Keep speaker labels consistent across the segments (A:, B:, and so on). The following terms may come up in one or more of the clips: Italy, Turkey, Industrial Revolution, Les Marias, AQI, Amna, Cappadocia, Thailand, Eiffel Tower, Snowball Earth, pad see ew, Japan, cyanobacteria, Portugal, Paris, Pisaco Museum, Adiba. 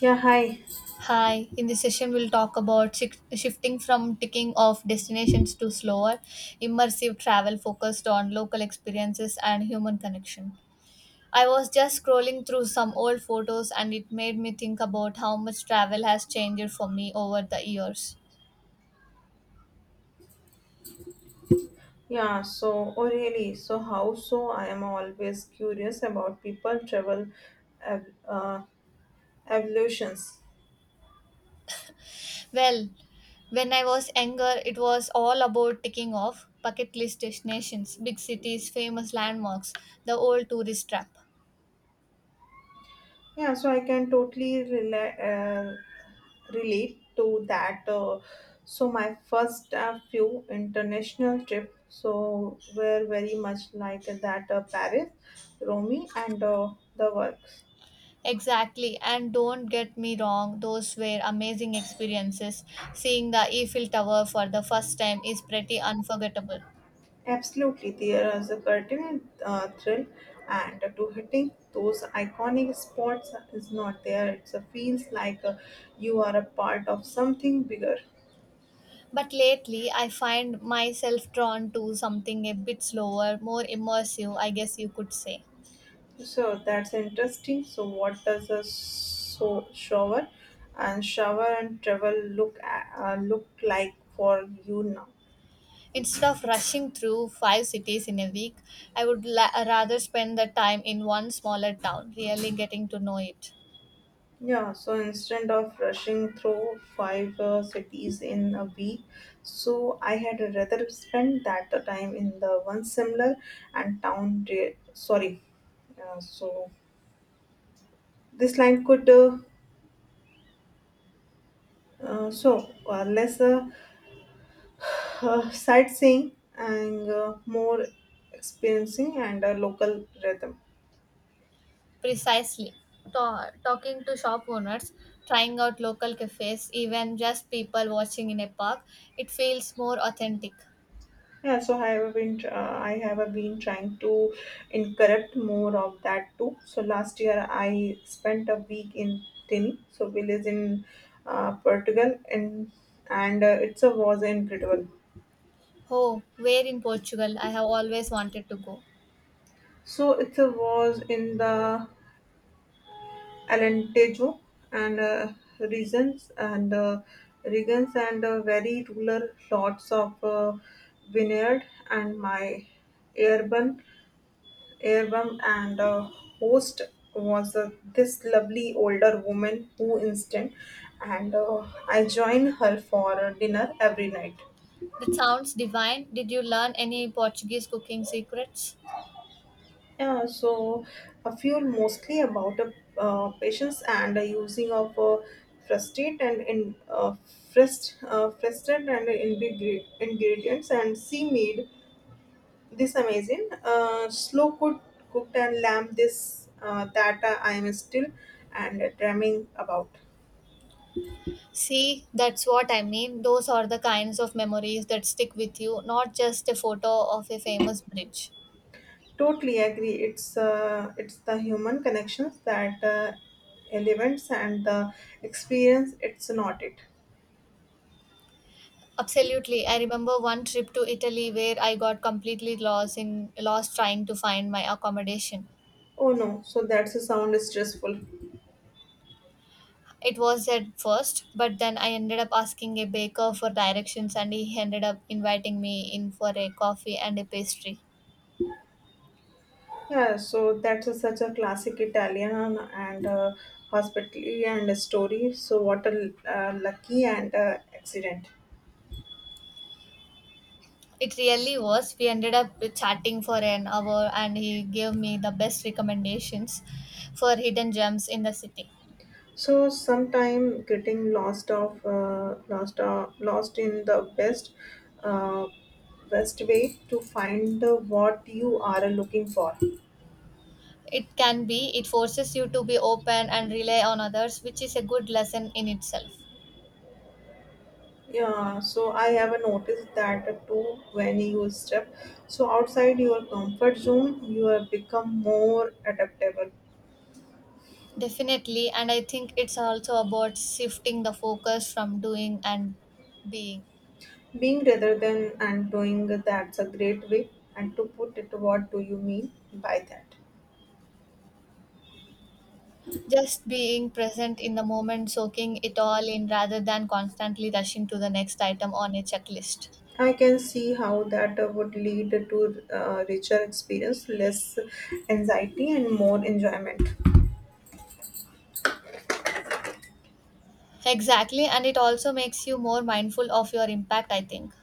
A: Yeah, hi.
B: Hi, in this session, we'll talk about shifting from ticking off destinations to slower, immersive travel focused on local experiences and human connection. I was just scrolling through some old photos and it made me think about how much travel has changed for me over the years.
A: Yeah, so, oh, really? So, how so? I am always curious about people travel ev- uh, evolutions.
B: Well, when I was younger, it was all about ticking off bucket list destinations, big cities, famous landmarks, the old tourist trap.
A: Yeah, so I can totally relate to that. So, my first few international trip so were very much like that Paris, Rome, and the works.
B: Exactly, and don't get me wrong, those were amazing experiences. Seeing the Eiffel Tower for the first time is pretty unforgettable.
A: Absolutely, there is a curtain thrill, and to hitting those iconic spots is not there. It feels like you are a part of something bigger.
B: But lately, I find myself drawn to something a bit slower, more immersive, I guess you could say.
A: So that's interesting. So what does a so shower and shower and travel look like for you now?
B: Instead of rushing through five cities in a week, I would rather spend the time in one smaller town, really getting to know it.
A: Yeah, so instead of rushing through five cities in a week, so I had rather spent that time in the one similar and town. Sorry, so this line could so less sightseeing and more experiencing and a local rhythm.
B: Precisely. Talking to shop owners, trying out local cafes, even just people watching in a park, it feels more authentic.
A: Yeah, so I have been trying to incorrect more of that too. So last year I spent a week in Tini, so village in Portugal, and it's a was incredible.
B: Oh, where in Portugal? I have always wanted to go.
A: So it's a was in the Alentejo and regions and uh, regions and very rural lots of vineyard and my urban Earbum and the host was this lovely older woman who instant and I join her for dinner every night.
B: That sounds divine. Did you learn any Portuguese cooking secrets?
A: Yeah, so a few mostly about patients and using of frustrate and in frustrated and ingredients and sea made this amazing slow cooked and lamb this that I am still and dreaming about.
B: See, that's what I mean. Those are the kinds of memories that stick with you, not just a photo of a famous bridge.
A: Totally agree. It's the human connections that elements and the experience. It's not it.
B: Absolutely. I remember one trip to Italy where I got completely lost trying to find my accommodation.
A: Oh no! So that's a sound stressful.
B: It was at first, but then I ended up asking a baker for directions and he ended up inviting me in for a coffee and a pastry.
A: Yeah. So that's a, such a classic Italian and hospitality and a story. So what a lucky and accident.
B: It really was. We ended up chatting for an hour and he gave me the best recommendations for hidden gems in the city.
A: So sometime getting lost of lost in the best uh, best way to find what you are looking for.
B: It can be, it forces you to be open and rely on others, which is a good lesson in itself.
A: Yeah, so I have noticed that too when you step so outside your comfort zone, you have become more adaptable.
B: Definitely, and I think it's also about shifting the focus from doing and being.
A: Being rather than and doing that's a great way. And to put it, what do you mean by that?
B: Just being present in the moment, soaking it all in rather than constantly rushing to the next item on a checklist.
A: I can see how that would lead to richer experience, less anxiety, and more enjoyment.
B: Exactly, and it also makes you more mindful of your impact, I think.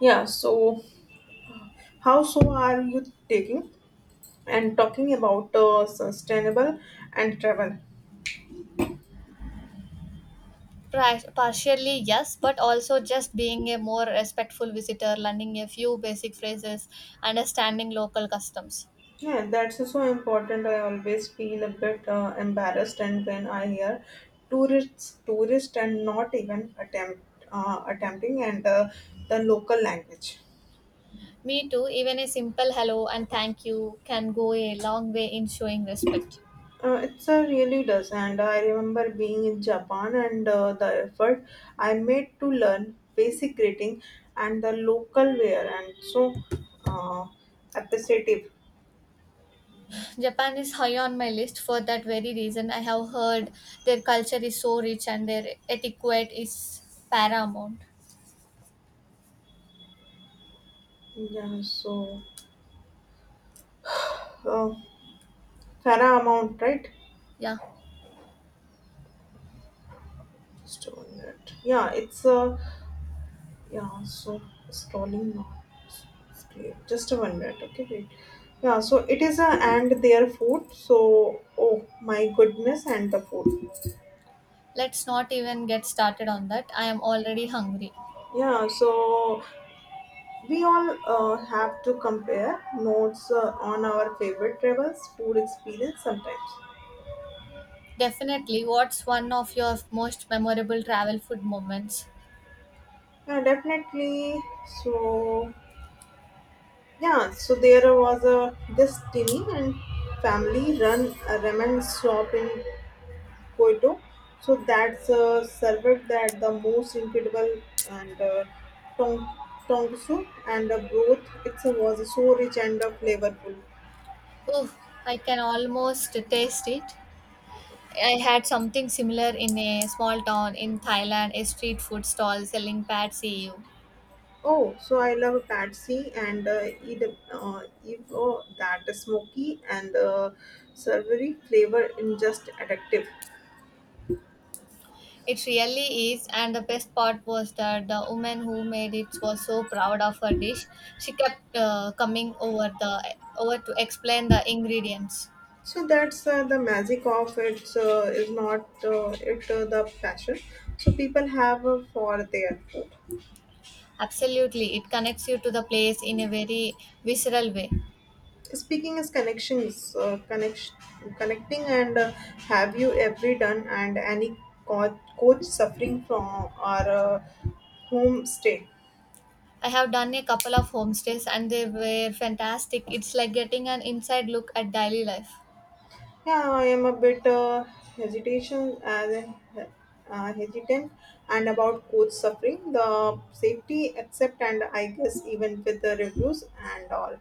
A: Yeah, so how so are you taking and talking about sustainable and travel?
B: Partially, yes, but also just being a more respectful visitor, learning a few basic phrases, understanding local customs.
A: Yeah, that's so important. I always feel a bit embarrassed, and when I hear tourists, and not even attempting and the local language.
B: Me too, even a simple hello and thank you can go a long way in showing respect.
A: It's really does, and I remember being in Japan and the effort I made to learn basic greeting and the local wear, and so uh, appreciative.
B: Japan is high on my list for that very reason. I have heard their culture is so rich and their etiquette is paramount.
A: Yeah, so uh, fair amount, right?
B: Yeah,
A: Stone. It. Yeah, it's a. Yeah, so scrolling now. Just a 1 minute, okay, wait. Yeah, so it is a and their food. So, oh my goodness, and the food.
B: let's not even get started on that. I am already hungry.
A: Yeah, so we all have to compare notes on our favorite travels, food experience sometimes.
B: Definitely, what's one of your most memorable travel food moments?
A: Yeah, definitely. So, yeah, so there was a this tiny and family run a ramen shop in Koito. So that's served that the most incredible and tong tongusu and the broth it was so rich and flavorful.
B: Oh, I can almost taste it. I had something similar in a small town in Thailand, a street food stall selling pad see ew.
A: Oh, so I love patsy and eat, oh, that smoky and savory flavor in just addictive.
B: It really is, and the best part was that the woman who made it was so proud of her dish. She kept coming over the over to explain the ingredients.
A: So that's the magic of it is not it the passion. So people have for their food.
B: Absolutely, it connects you to the place in a very visceral way.
A: Speaking as connections, connecting, and have you ever done and any coach suffering from or home stay?
B: I have done a couple of homestays and they were fantastic. It's like getting an inside look at daily life.
A: Yeah, I am a bit hesitation as a- hesitant and about coach suffering the safety accept and I guess even with the reviews and all.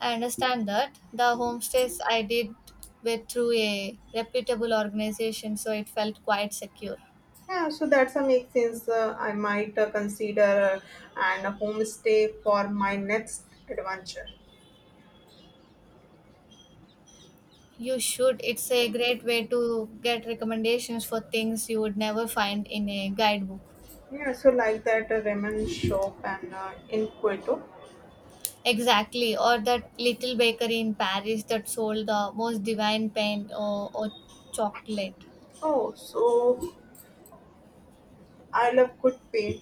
B: I understand that. The homestays I did were through a reputable organization, so it felt quite secure.
A: Yeah, so that's a make sense. I might consider and homestay for my next adventure.
B: You should. It's a great way to get recommendations for things you would never find in a guidebook.
A: Yeah, so like that ramen shop and in Kyoto.
B: Exactly. Or that little bakery in Paris that sold the most divine pain or chocolate.
A: Oh, so I love good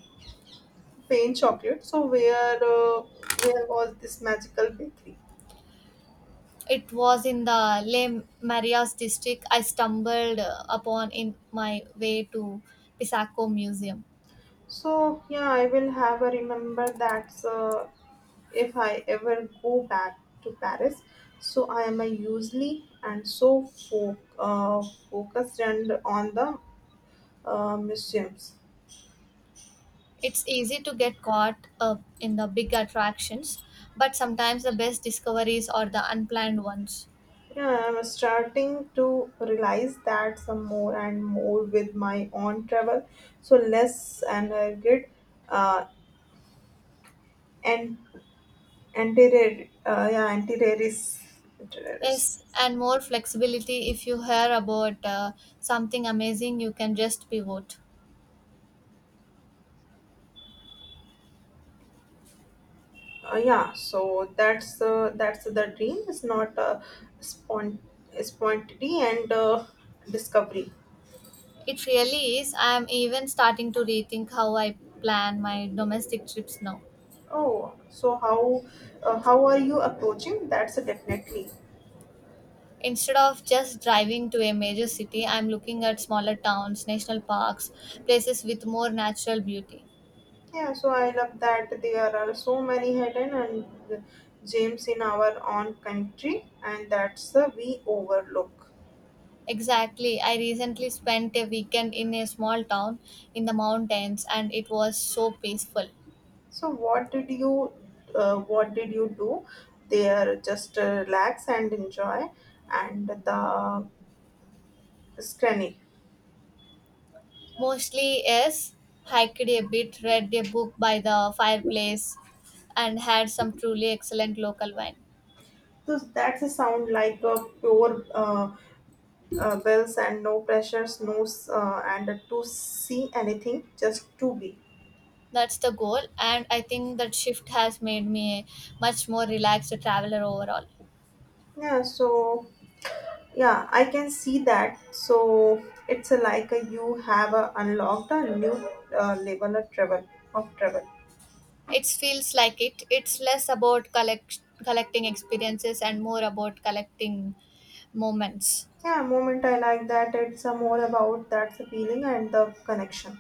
A: pain chocolate. So where was this magical bakery?
B: It was in the Les Marias district I stumbled upon in my way to Pisaco Museum.
A: So yeah, I will have a remember that if I ever go back to Paris. So I am a usually and so focused and on the museums.
B: It's easy to get caught up in the big attractions, but sometimes the best discoveries are the unplanned ones.
A: Yeah, I'm starting to realize that some more and more with my own travel. So less and I get uh, and anti anti-terrorist.
B: Yes, and more flexibility if you hear about something amazing, you can just pivot.
A: Yeah, so that's the dream. It's not a spont- spontaneity and discovery.
B: It really is. I am even starting to rethink how I plan my domestic trips now.
A: Oh, so how are you approaching? That's definitely.
B: Instead of just driving to a major city, I'm looking at smaller towns, national parks, places with more natural beauty.
A: Yeah, so I love that there are so many hidden and gems in our own country, and that's we overlook.
B: Exactly. I recently spent a weekend in a small town in the mountains and it was so peaceful.
A: So, what did you do there? Just relax and enjoy, and the scranny.
B: Mostly, yes, hiked a bit, read a book by the fireplace, and had some truly excellent local wine.
A: So that's a sound like a pure bells and no pressures, no s- and to see anything, just to be.
B: That's the goal, and I think that shift has made me a much more relaxed traveler overall.
A: Yeah, so Yeah, I can see that. So it's a like a, you have a unlocked a new level of travel.
B: It feels like it. It's less about collecting experiences and more about collecting moments.
A: Yeah, moment I like that. It's a more about that feeling and the connection.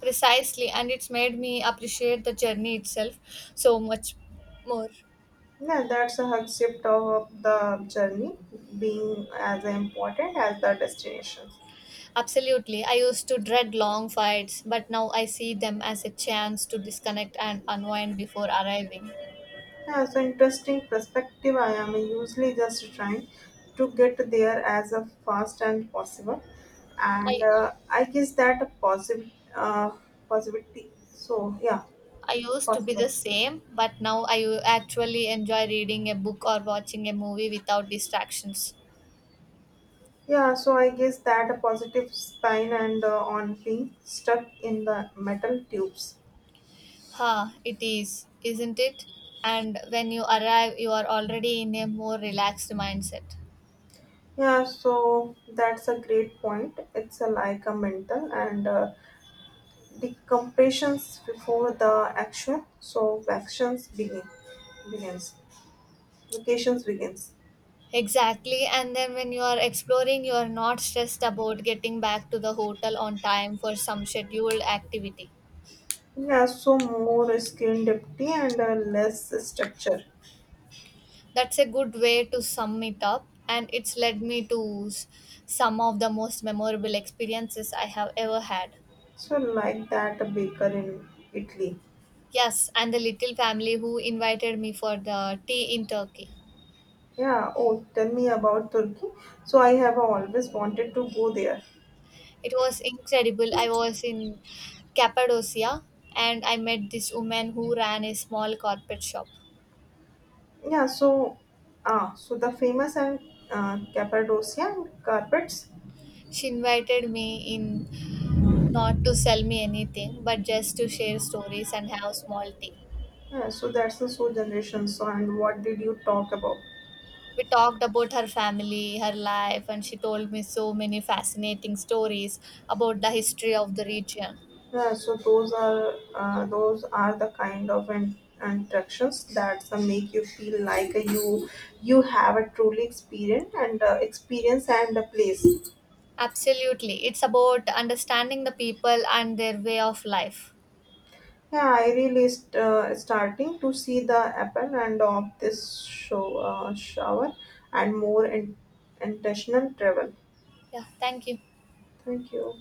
B: Precisely, and it's made me appreciate the journey itself so much more.
A: Yeah, that's a hug shift of the journey being as important as the destination.
B: Absolutely, I used to dread long fights, but now I see them as a chance to disconnect and unwind before arriving.
A: Yeah, so interesting perspective. I am usually just trying to get there as fast and possible, and
B: I
A: I guess that a positivity. So yeah,
B: I used to be the
A: possible.
B: same, but now I actually enjoy reading a book or watching a movie without distractions.
A: Yeah, so I guess that a positive spine and on being stuck in the metal tubes.
B: Ha, it is, isn't it? And when you arrive, you are already in a more relaxed mindset.
A: Yeah, so that's a great point. It's a like a mental and decompressions before the action, so actions begin begins. Vacations begins.
B: Exactly. And then when you are exploring, you are not stressed about getting back to the hotel on time for some scheduled activity.
A: Yeah, so more skin depth and less structure.
B: That's a good way to sum it up. And it's led me to some of the most memorable experiences I have ever had.
A: So like that baker in Italy.
B: Yes, and the little family who invited me for the tea in Turkey.
A: Yeah. Oh, tell me about Turkey. So I have always wanted to go there.
B: It was incredible. I was in Cappadocia and I met this woman who ran a small carpet shop.
A: Yeah. So, ah, so the famous and Cappadocia and carpets.
B: She invited me in not to sell me anything, but just to share stories and have small tea.
A: Yeah. So that's the so generation. So and what did you talk about?
B: We talked about her family, her life, and she told me so many fascinating stories about the history of the region.
A: Yeah, so those are the kind of interactions that make you feel like you have a truly experience and a place.
B: Absolutely. It's about understanding the people and their way of life.
A: Yeah, I really starting to see the apple and of this shower and more intentional travel.
B: Yeah, thank you.
A: Thank you.